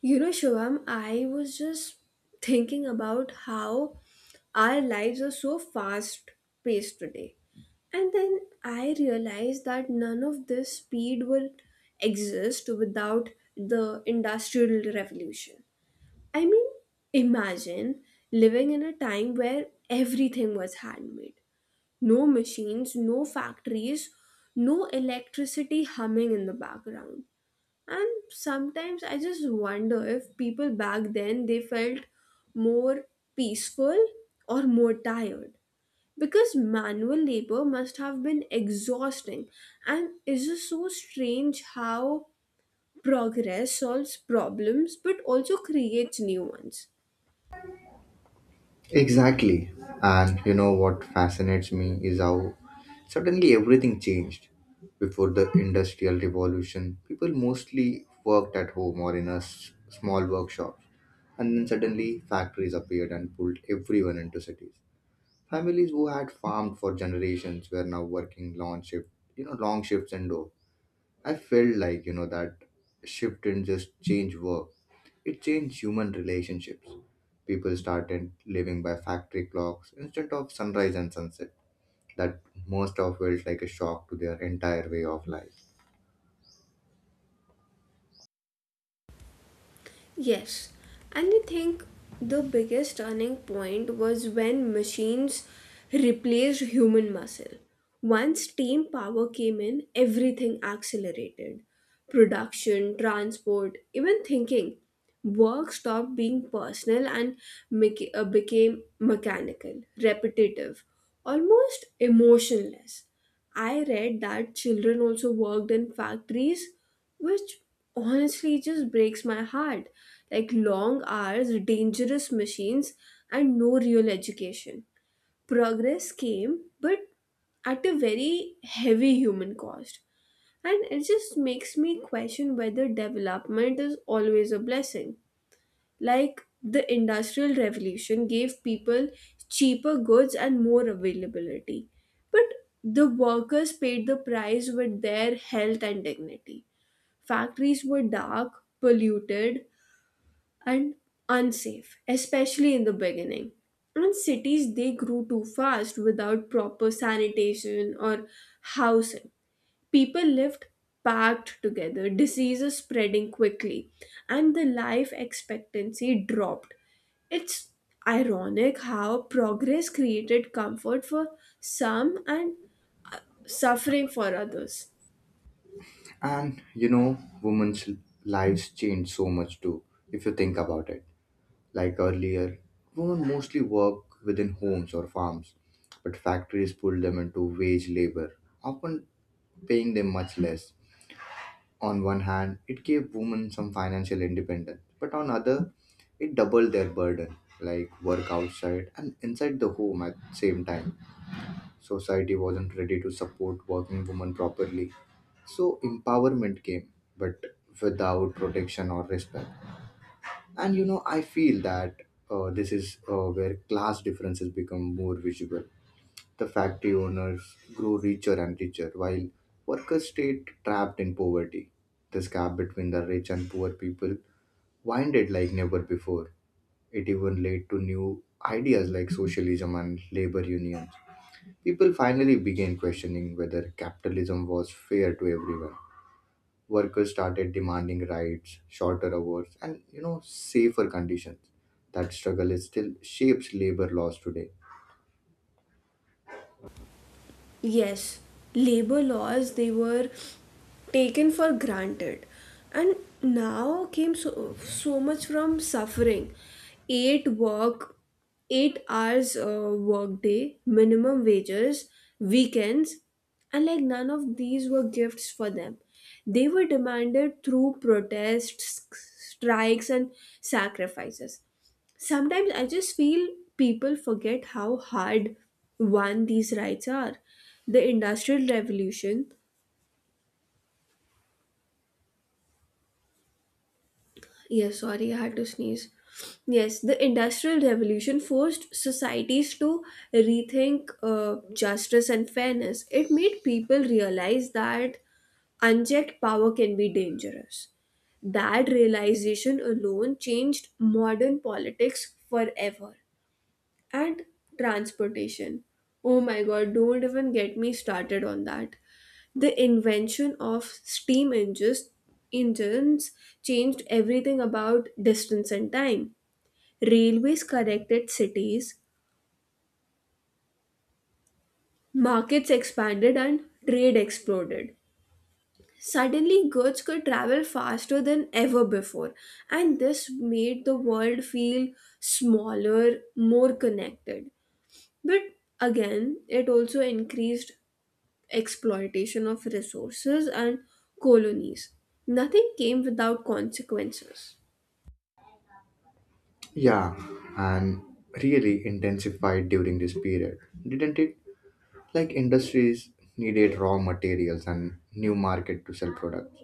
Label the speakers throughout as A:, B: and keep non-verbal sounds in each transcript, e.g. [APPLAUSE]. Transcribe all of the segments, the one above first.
A: You know, Shivam, I was just thinking about how our lives are so fast paced today. And then I realized that none of this speed will exist without the Industrial Revolution. I mean, imagine living in a time where everything was handmade, no machines, no factories, no electricity humming in the background. And sometimes I just wonder if people back then they felt more peaceful or more tired because manual labor must have been exhausting, and it's just so strange how progress solves problems but also creates new ones.
B: Exactly. And you know what fascinates me is how suddenly everything changed. Before the Industrial Revolution, people mostly worked at home or in a small workshop. And then suddenly factories appeared and pulled everyone into cities. Families who had farmed for generations were now working long shifts indoors. I felt like, you know, that shift didn't just change work, it changed human relationships. People started living by factory clocks instead of sunrise and sunset. That most of felt like a shock to their entire way of life.
A: Yes, and I think the biggest turning point was when machines replaced human muscle. Once steam power came in, everything accelerated, production, transport, even thinking. Work stopped being personal and became mechanical, repetitive, almost emotionless. I read that children also worked in factories, which honestly just breaks my heart. Like long hours, dangerous machines, and no real education. Progress came, but at a very heavy human cost. And it just makes me question whether development is always a blessing. Like the Industrial Revolution gave people cheaper goods and more availability. But the workers paid the price with their health and dignity. Factories were dark, polluted, and unsafe, especially in the beginning. And cities, they grew too fast without proper sanitation or housing. People lived packed together, diseases spreading quickly, and the life expectancy dropped. It's ironic how progress created comfort for some and suffering for others.
B: And, you know, women's lives changed so much too, if you think about it. Like earlier, women mostly work within homes or farms, but factories pulled them into wage labor, often paying them much less. On one hand, it gave women some financial independence, but on other, it doubled their burden, like work outside and inside the home at the same time. Society wasn't ready to support working women properly, so empowerment came, but without protection or respect. And you know, I feel that this is where class differences become more visible. The factory owners grew richer and richer, while workers stayed trapped in poverty. This gap between the rich and poor people widened like never before. It even led to new ideas like socialism and labor unions. People finally began questioning whether capitalism was fair to everyone. Workers started demanding rights, shorter hours, and you know safer conditions. That struggle is still shapes labor laws today.
A: Yes, labor laws, they were taken for granted, and now came so, so much from suffering. eight work 8 hours work day, minimum wages, weekends, and like none of these were gifts for them. They were demanded through protests, strikes, and sacrifices. Sometimes I just feel people forget how hard won these rights are. The Industrial Revolution, yeah, sorry, I had to sneeze. Yes, the Industrial Revolution forced societies to rethink justice and fairness. It made people realize that unchecked power can be dangerous. That realization alone changed modern politics forever. And transportation. Oh my god, don't even get me started on that. The invention of steam engines changed everything about distance and time. Railways connected cities, markets expanded, and trade exploded. Suddenly, goods could travel faster than ever before, and this made the world feel smaller, more connected. But again, it also increased exploitation of resources, and colonies. Nothing came without consequences.
B: Yeah, and really intensified during this period, didn't it? Like industries needed raw materials and new market to sell products.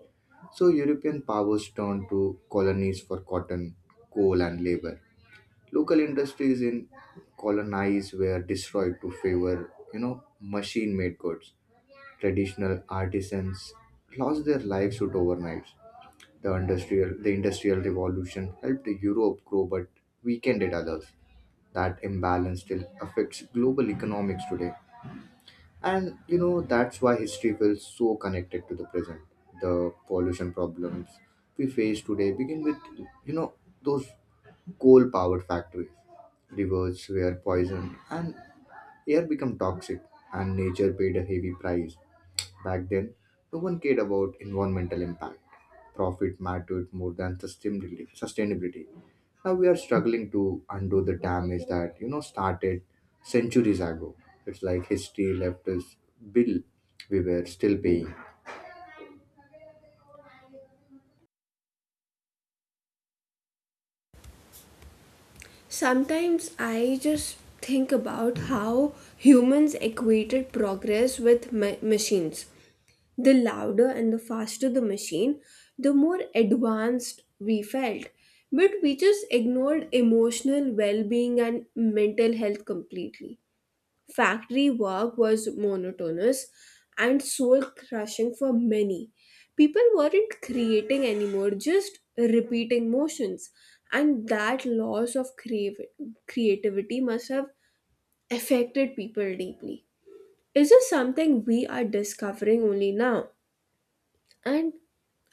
B: So European powers turned to colonies for cotton, coal and labor. Local industries in colonies were destroyed to favor, you know, machine-made goods. Traditional artisans lost their livelihood overnight. The industrial revolution helped Europe grow but weakened it others. That imbalance still affects global economics today. And you know, that's why history feels so connected to the present. The pollution problems we face today begin with, you know, those coal powered factories. Rivers were poisoned and air became toxic, and nature paid a heavy price. Back then, no one cared about environmental impact. Profit mattered more than sustainability. Now we are struggling to undo the damage that you know started centuries ago. It's like history left us bill we were still paying.
A: Sometimes I just think about how humans equated progress with machines. The louder and the faster the machine, the more advanced we felt. But we just ignored emotional well being and mental health completely. Factory work was monotonous and soul crushing for many. People weren't creating anymore, just repeating motions. And that loss of creativity must have affected people deeply. Is this something we are discovering only now? And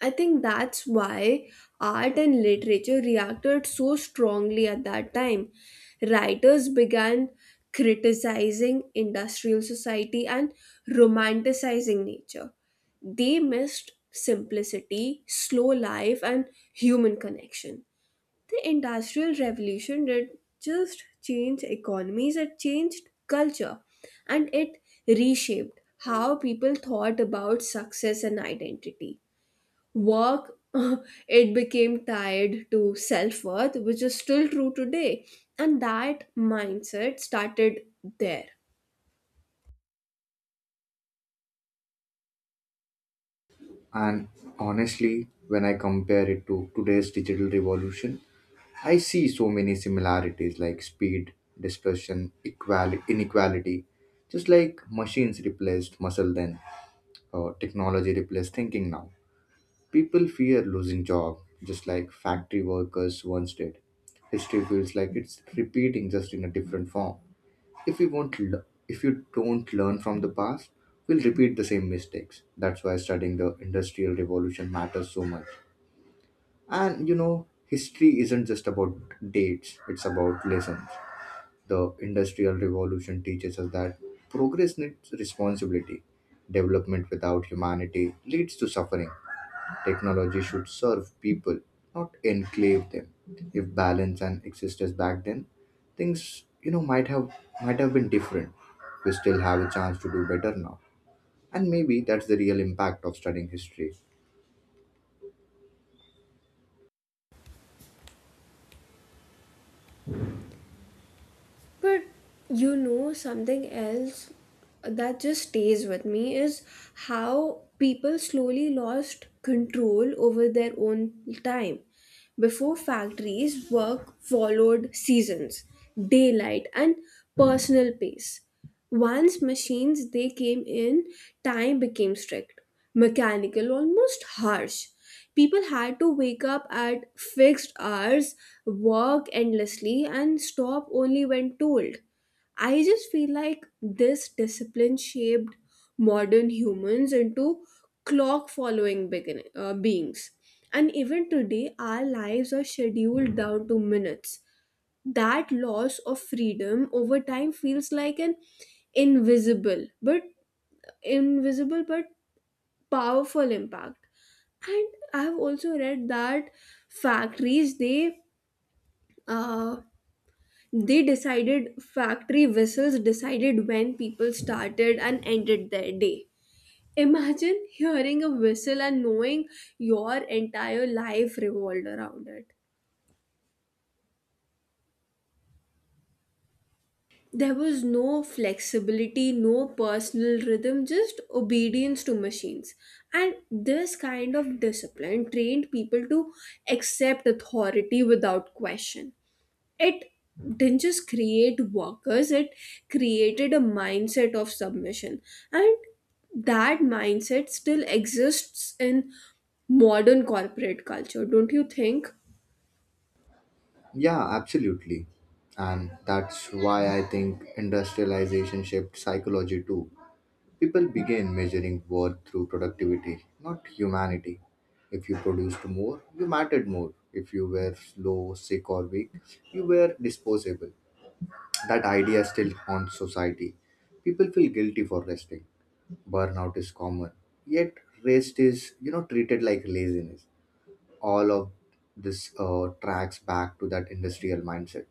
A: I think that's why art and literature reacted so strongly at that time. Writers began criticizing industrial society and romanticizing nature. They missed simplicity, slow life, and human connection. The industrial revolution did just change economies, it changed culture, and it reshaped how people thought about success and identity. Work, [LAUGHS] it became tied to self worth, which is still true today. And that mindset started there.
B: And honestly, when I compare it to today's digital revolution, I see so many similarities like speed, dispersion, inequality. Just like machines replaced muscle then, or technology replaced thinking now. People fear losing job, just like factory workers once did. History feels like it's repeating just in a different form. If we won't l- If you don't learn from the past, we'll repeat the same mistakes. That's why studying the industrial revolution matters so much. And you know, history isn't just about dates, it's about lessons. The industrial revolution teaches us that progress needs responsibility. Development without humanity leads to suffering. Technology should serve people, not enslave them. If balance and existed back then, things you know might have been different. We still have a chance to do better now, and maybe that's the real impact of studying history.
A: But you know, something else that just stays with me is how people slowly lost control over their own time. Before factories, work followed seasons, daylight, and personal pace. Once machines they came in, time became strict, mechanical, almost harsh. People had to wake up at fixed hours, work endlessly, and stop only when told. I just feel like this discipline shaped modern humans into clock following beings. And even today, our lives are scheduled down to minutes. That loss of freedom over time feels like an invisible but invisible but powerful impact. And I've also read that factories uh they decided factory whistles decided when people started and ended their day. Imagine [LAUGHS] hearing a whistle and knowing your entire life revolved around it. There was no flexibility, no personal rhythm, just obedience to machines. And this kind of discipline trained people to accept authority without question. It didn't just create workers, it created a mindset of submission. And that mindset still exists in modern corporate culture, don't you think?
B: Yeah, absolutely, and that's why I think industrialization shaped psychology too. People began measuring worth through productivity, not humanity. If you produced more, you mattered more. If you were slow, sick, or weak, you were disposable. That idea still haunts society. People feel guilty for resting. Burnout is common, yet rest is, you know, treated like laziness. All of this tracks back to that industrial mindset.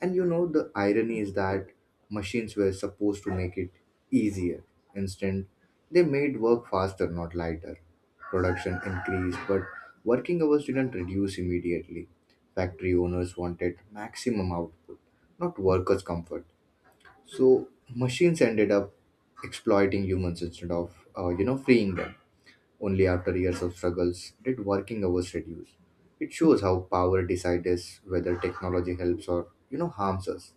B: And you know, the irony is that machines were supposed to make it easier. Instead, they made work faster, not lighter. Production increased, but working hours didn't reduce immediately. Factory owners wanted maximum output, not workers' comfort. So machines ended up exploiting humans instead of, you know, freeing them. Only after years of struggles did working hours reduce. It shows how power decides whether technology helps or, you know, harms us.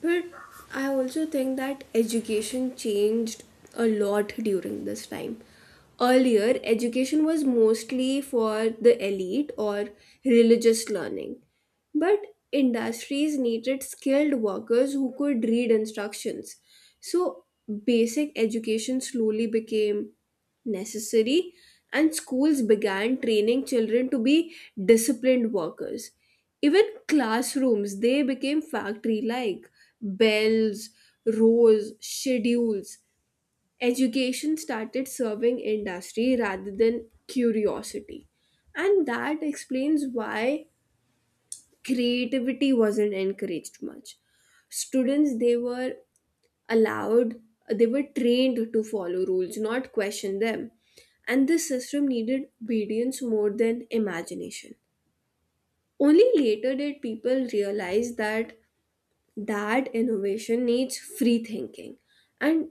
A: But I also think that education changed a lot during this time. Earlier, education was mostly for the elite or religious learning. But industries needed skilled workers who could read instructions. So, basic education slowly became necessary, and schools began training children to be disciplined workers. Even classrooms, they became factory like, bells, rows, schedules. Education started serving industry rather than curiosity. And that explains why creativity wasn't encouraged much. Students, they were allowed, they were trained to follow rules, not question them. And this system needed obedience more than imagination. Only later did people realize that innovation needs free thinking, and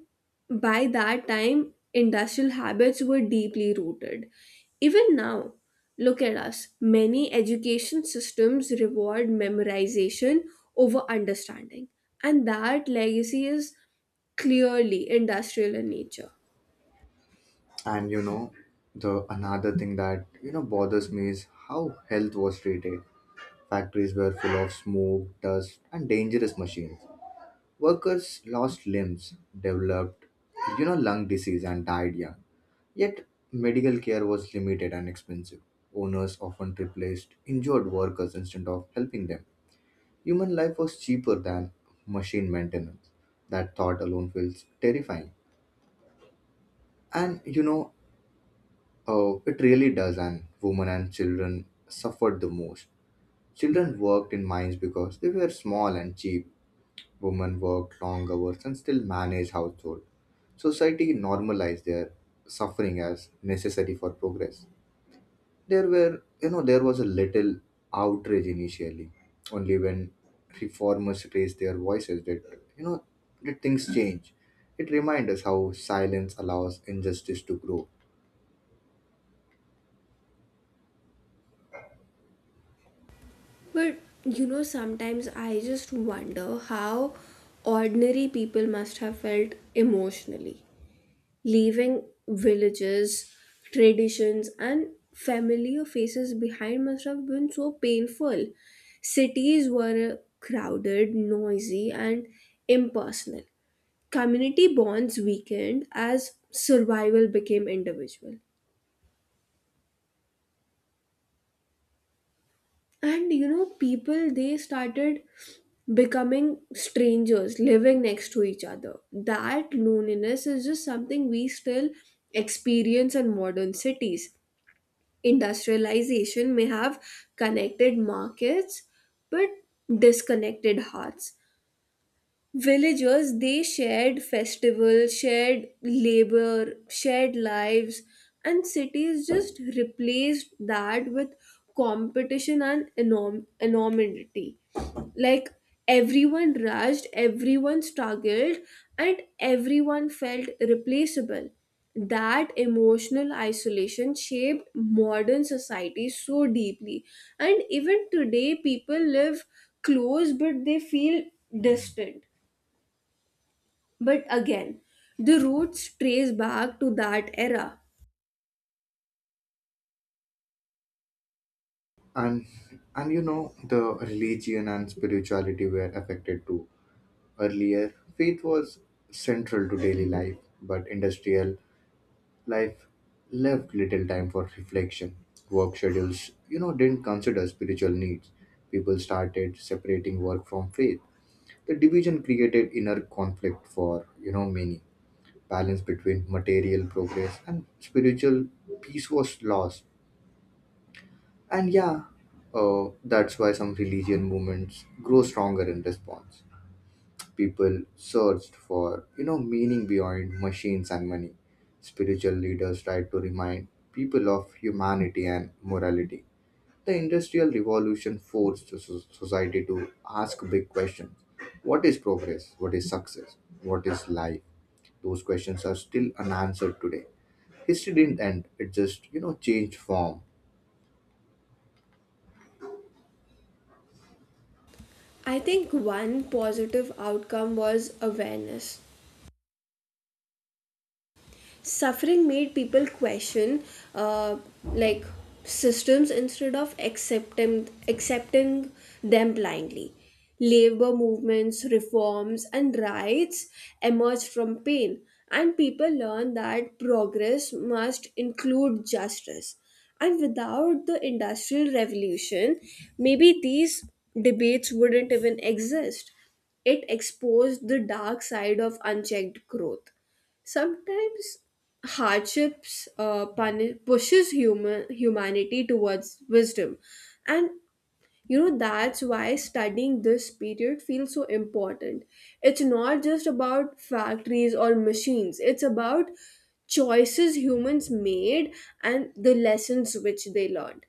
A: by that time industrial habits were deeply rooted. Even now, look at us, many education systems reward memorization over understanding, and that legacy is clearly industrial in nature.
B: And you know, the another thing that you know bothers me is how health was treated. Factories were full of smoke, dust, and dangerous machines. Workers lost limbs, developed you know lung disease, and died young. Yet medical care was limited and expensive. Owners often replaced injured workers instead of helping them. Human life was cheaper than machine maintenance. That thought alone feels terrifying. And you know, oh, it really does, and women and children suffered the most. Children worked in mines because they were small and cheap. Women worked long hours and still managed household. Society normalized their suffering as necessary for progress. There were, you know, there was a little outrage initially. Only when reformers raised their voices you know, did things change. It reminds us how silence allows injustice to grow.
A: But you know, sometimes I just wonder how ordinary people must have felt emotionally. Leaving villages, traditions, and familiar faces behind must have been so painful. Cities were crowded, noisy, and impersonal. Community bonds weakened as survival became individual. And you know, people they started becoming strangers living next to each other. That loneliness is just something we still experience in modern cities. Industrialization may have connected markets but disconnected hearts. Villagers they shared festivals, shared labor, shared lives, and cities just replaced that with competition and enormity. Like, everyone rushed, everyone struggled, and everyone felt replaceable. That emotional isolation shaped modern society so deeply, and even today people live close but they feel distant. But again, the roots trace back to that era.
B: and and you know the religion and spirituality were affected too. Earlier faith was central to daily life but industrial life left little time for reflection. Work schedules you know didn't consider spiritual needs. People started separating work from faith. The division created inner conflict for you know many. Balance between material progress and spiritual peace was lost. And yeah, that's why some religion movements grow stronger in response. People searched for, you know, meaning beyond machines and money. Spiritual leaders tried to remind people of humanity and morality. The Industrial Revolution forced the society to ask big questions. What is progress? What is success? What is life? Those questions are still unanswered today. History didn't end, it just, you know, changed form.
A: I think one positive outcome was awareness. Suffering made people question uh, like systems instead of accepting them blindly. Labor movements, reforms, and rights emerged from pain, and people learned that progress must include justice. And without the industrial revolution, maybe these debates wouldn't even exist. It exposed the dark side of unchecked growth. Sometimes hardships pushes humanity towards wisdom. And you know, that's why studying this period feels so important. It's not just about factories or machines, it's about choices humans made and the lessons which they learned.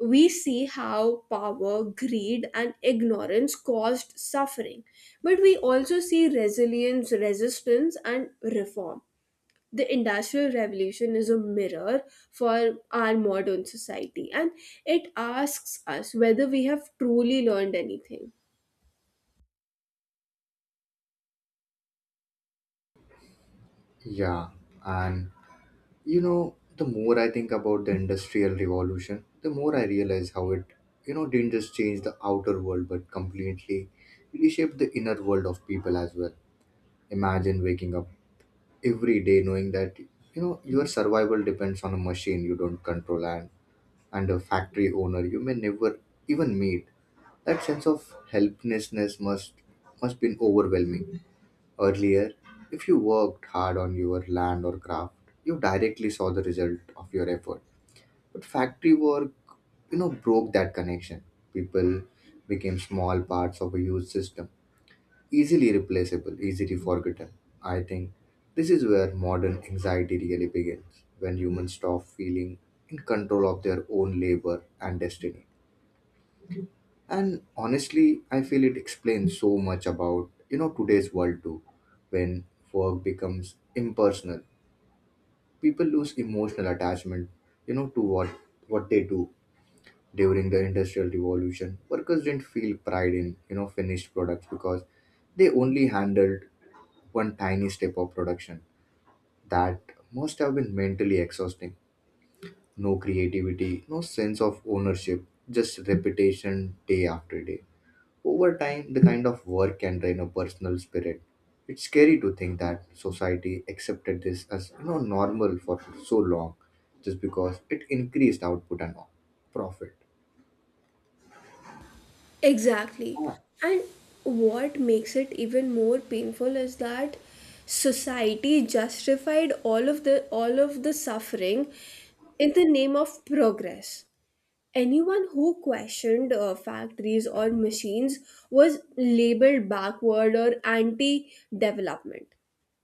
A: We see how power, greed, and ignorance caused suffering, but we also see resilience, resistance, and reform. The industrial revolution is a mirror for our modern society, and it asks us whether we have truly learned anything.
B: Yeah, and you know, the more I think about the Industrial Revolution, the more I realize how it, you know, didn't just change the outer world but completely reshaped the inner world of people as well. Imagine waking up every day knowing that, you know, your survival depends on a machine you don't control and a factory owner you may never even meet. That sense of helplessness must been overwhelming. Earlier, if you worked hard on your land or craft, you directly saw the result of your effort but factory work, you know, broke that connection. People became small parts of a huge system, easily replaceable, easily forgotten. I think this is where modern anxiety really begins, when humans stop feeling in control of their own labor and destiny. And honestly, I feel it explains so much about, you know, today's world too. When work becomes impersonal, people lose emotional attachment, you know, to what they do during the industrial revolution. Workers didn't feel pride in you know finished products because they only handled one tiny step of production. That must have been mentally exhausting. No creativity, no sense of ownership, just repetition day after day. Over time the kind of work can drain a personal spirit. It's scary to think that society accepted this as you know normal for so long just because it increased output and profit.
A: Exactly. And what makes it even more painful is that society justified all of the suffering in the name of progress. Anyone who questioned factories or machines was labeled backward or anti development.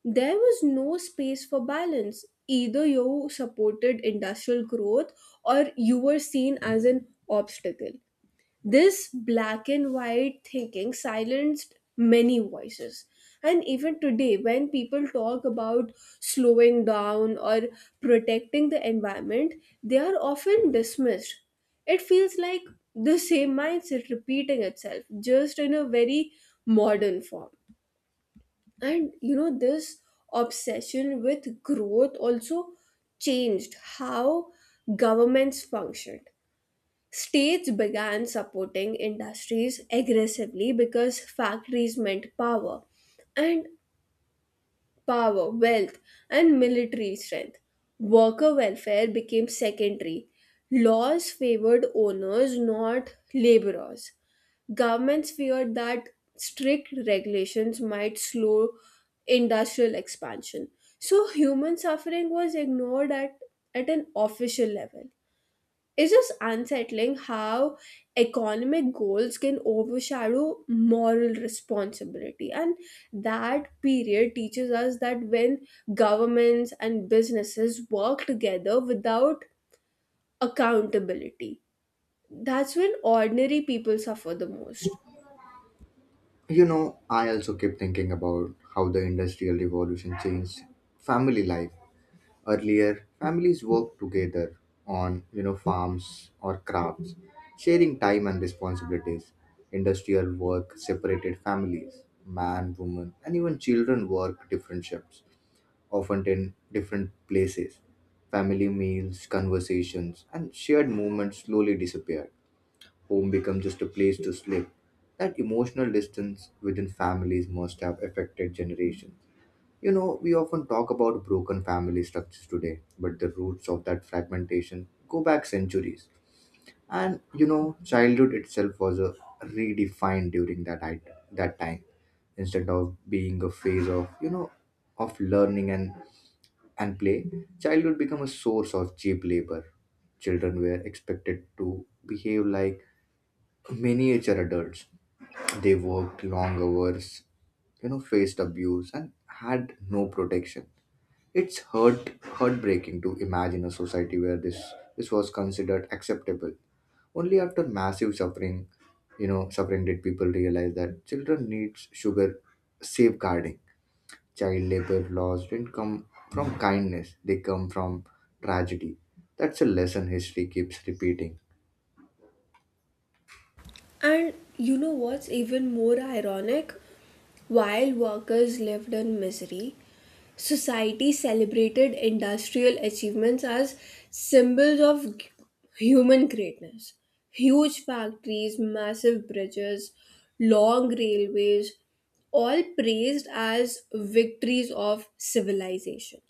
A: There was no space for balance. Either you supported industrial growth or you were seen as an obstacle. This black and white thinking silenced many voices. And even today, when people talk about slowing down or protecting the environment, they are often dismissed. It feels like the same mindset repeating itself, just in a very modern form. And you know, this obsession with growth also changed how governments functioned. States began supporting industries aggressively because factories meant power, and power, wealth, and military strength. Worker welfare became secondary. Laws favored owners, not laborers. Governments feared that strict regulations might slow industrial expansion. So, human suffering was ignored at an official level. It's just unsettling how economic goals can overshadow moral responsibility. And that period teaches us that when governments and businesses work together without accountability, that's when ordinary people suffer the most.
B: You know, I also keep thinking about how the Industrial Revolution changed family life. Earlier, families worked together on, you know, farms or crafts, sharing time and responsibilities. Industrial work separated families. Man, woman, and even children work different shifts, often in different places. Family meals, conversations, and shared moments slowly disappeared. Home becomes just a place to sleep. That emotional distance within families must have affected generations. You know, we often talk about broken family structures today, but the roots of that fragmentation go back centuries. And you know, childhood itself was a redefined during that time. Instead of being a phase of you know of learning and play, childhood became a source of cheap labor. Children were expected to behave like miniature adults. They worked long hours, you know, faced abuse, and had no protection. It's hurt, heartbreaking to imagine a society where this was considered acceptable. Only after massive suffering, you know, suffering did people realize that children needs sugar safeguarding. Child labor laws didn't come from kindness; they come from tragedy. That's a lesson history keeps repeating.
A: And you know what's even more ironic? While workers lived in misery, society celebrated industrial achievements as symbols of human greatness. Huge factories, massive bridges, long railways, all praised as victories of civilization.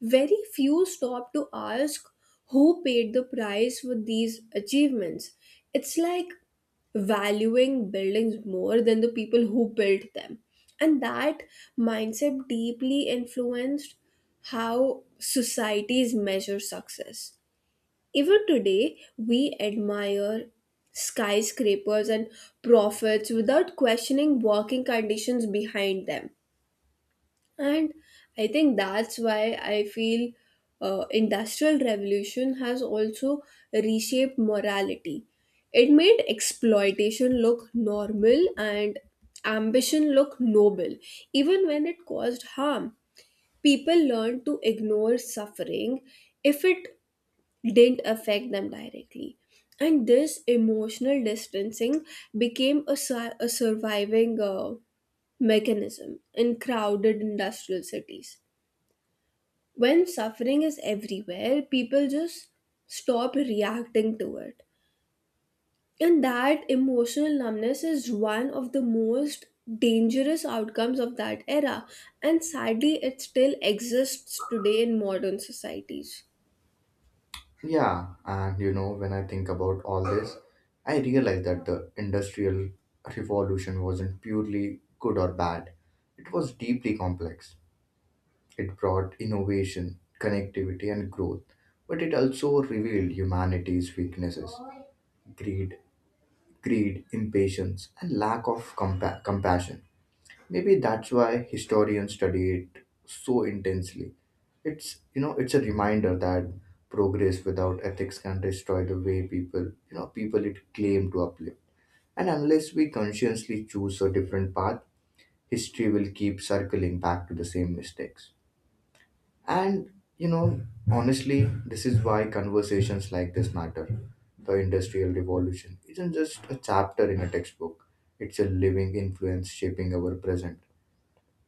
A: Very few stopped to ask who paid the price for these achievements. It's like valuing buildings more than the people who built them. And that mindset deeply influenced how societies measure success. Even today, we admire skyscrapers and profits without questioning working conditions behind them. And I think that's why I feel industrial revolution has also reshaped morality. It made exploitation look normal and ambition look noble, even when it caused harm. People learned to ignore suffering if it didn't affect them directly. And this emotional distancing became a surviving mechanism in crowded industrial cities. When suffering is everywhere, people just stop reacting to it. And that emotional numbness is one of the most dangerous outcomes of that era. And sadly, it still exists today in modern societies.
B: Yeah, and you know, when I think about all this, I realize that the Industrial Revolution wasn't purely good or bad. It was deeply complex. It brought innovation, connectivity, and growth, but it also revealed humanity's weaknesses, greed, greed, impatience, and lack of compassion. Maybe that's why historians study it so intensely. It's you know it's a reminder that progress without ethics can destroy the way people you know people it claim to uplift. And unless we consciously choose a different path, history will keep circling back to the same mistakes. And you know honestly, this is why conversations like this matter. The Industrial Revolution isn't just a chapter in a textbook; it's a living influence shaping our present.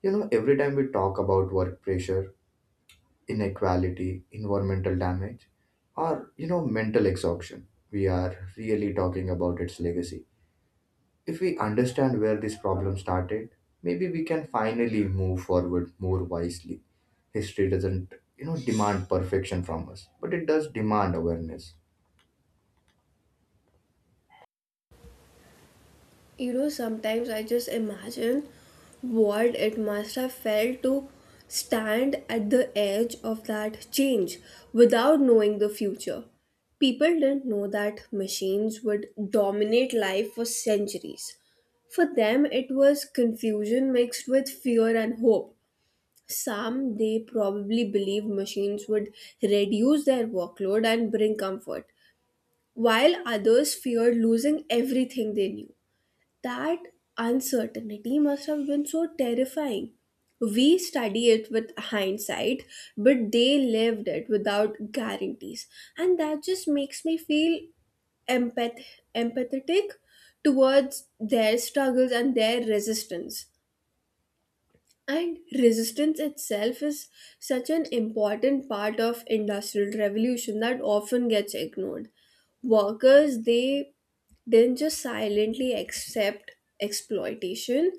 B: You know, every time we talk about work pressure, inequality, environmental damage, or, you know, mental exhaustion, we are really talking about its legacy. If we understand where this problem started, maybe we can finally move forward more wisely. History doesn't, you know, demand perfection from us, but it does demand awareness.
A: You know, sometimes I just imagine what it must have felt to stand at the edge of that change without knowing the future. People didn't know that machines would dominate life for centuries. For them, it was confusion mixed with fear and hope. Some, they probably believed machines would reduce their workload and bring comfort, while others feared losing everything they knew. That uncertainty must have been so terrifying. We study it with hindsight, but they lived it without guarantees. And that just makes me feel empath- empathetic towards their struggles and their resistance. And resistance itself is such an important part of industrial revolution that often gets ignored. Workers they didn't just silently accept exploitation,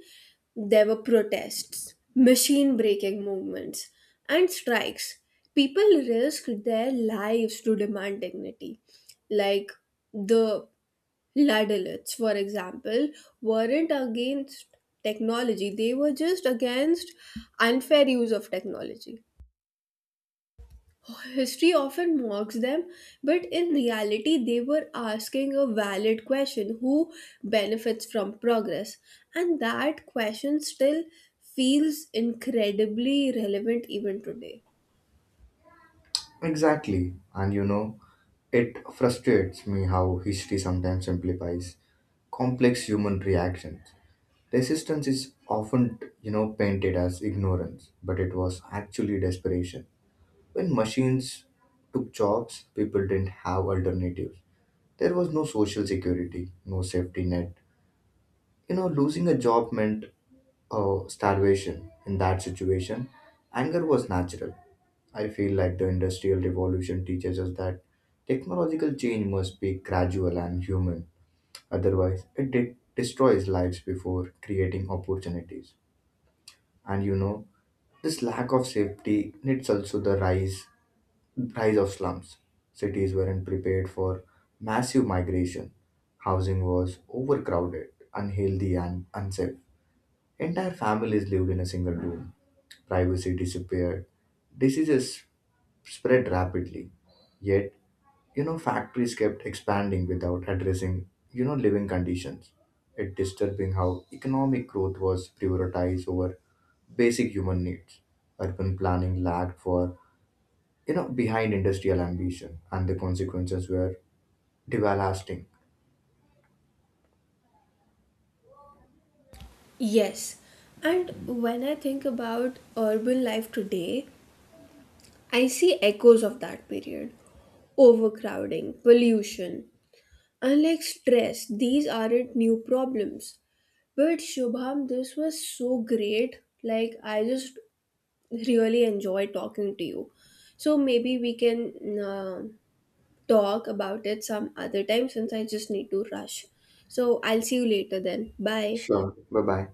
A: there were protests, machine breaking movements, and strikes. People risked their lives to demand dignity. Like the Ladalites, for example, weren't against technology, they were just against unfair use of technology. History often mocks them, but in reality, they were asking a valid question, who benefits from progress? And that question still feels incredibly relevant even today.
B: Exactly. And, you know, it frustrates me how history sometimes simplifies complex human reactions. Resistance is often, you know, painted as ignorance, but it was actually desperation. When machines took jobs, people didn't have alternatives. There was no social security, no safety net. You know, losing a job meant starvation. In that situation, anger was natural. I feel like the Industrial Revolution teaches us that technological change must be gradual and human. Otherwise, it destroys lives before creating opportunities. And you know, this lack of safety needs also the rise of slums. Cities weren't prepared for massive migration. Housing was overcrowded, unhealthy and unsafe. Entire families lived in a single room. Privacy disappeared. Diseases spread rapidly. Yet you know factories kept expanding without addressing you know living conditions. It disturbing how economic growth was prioritized over basic human needs. Urban planning lagged for you know behind industrial ambition and the consequences were devastating.
A: Yes, and when I think about urban life today, I see echoes of that period, overcrowding, pollution. Unlike stress, these aren't new problems. But Shubham, this was so great. Like, I just really enjoy talking to you. So maybe we can talk about it some other time since I just need to rush. So I'll see you later then. Bye.
B: Sure, bye bye.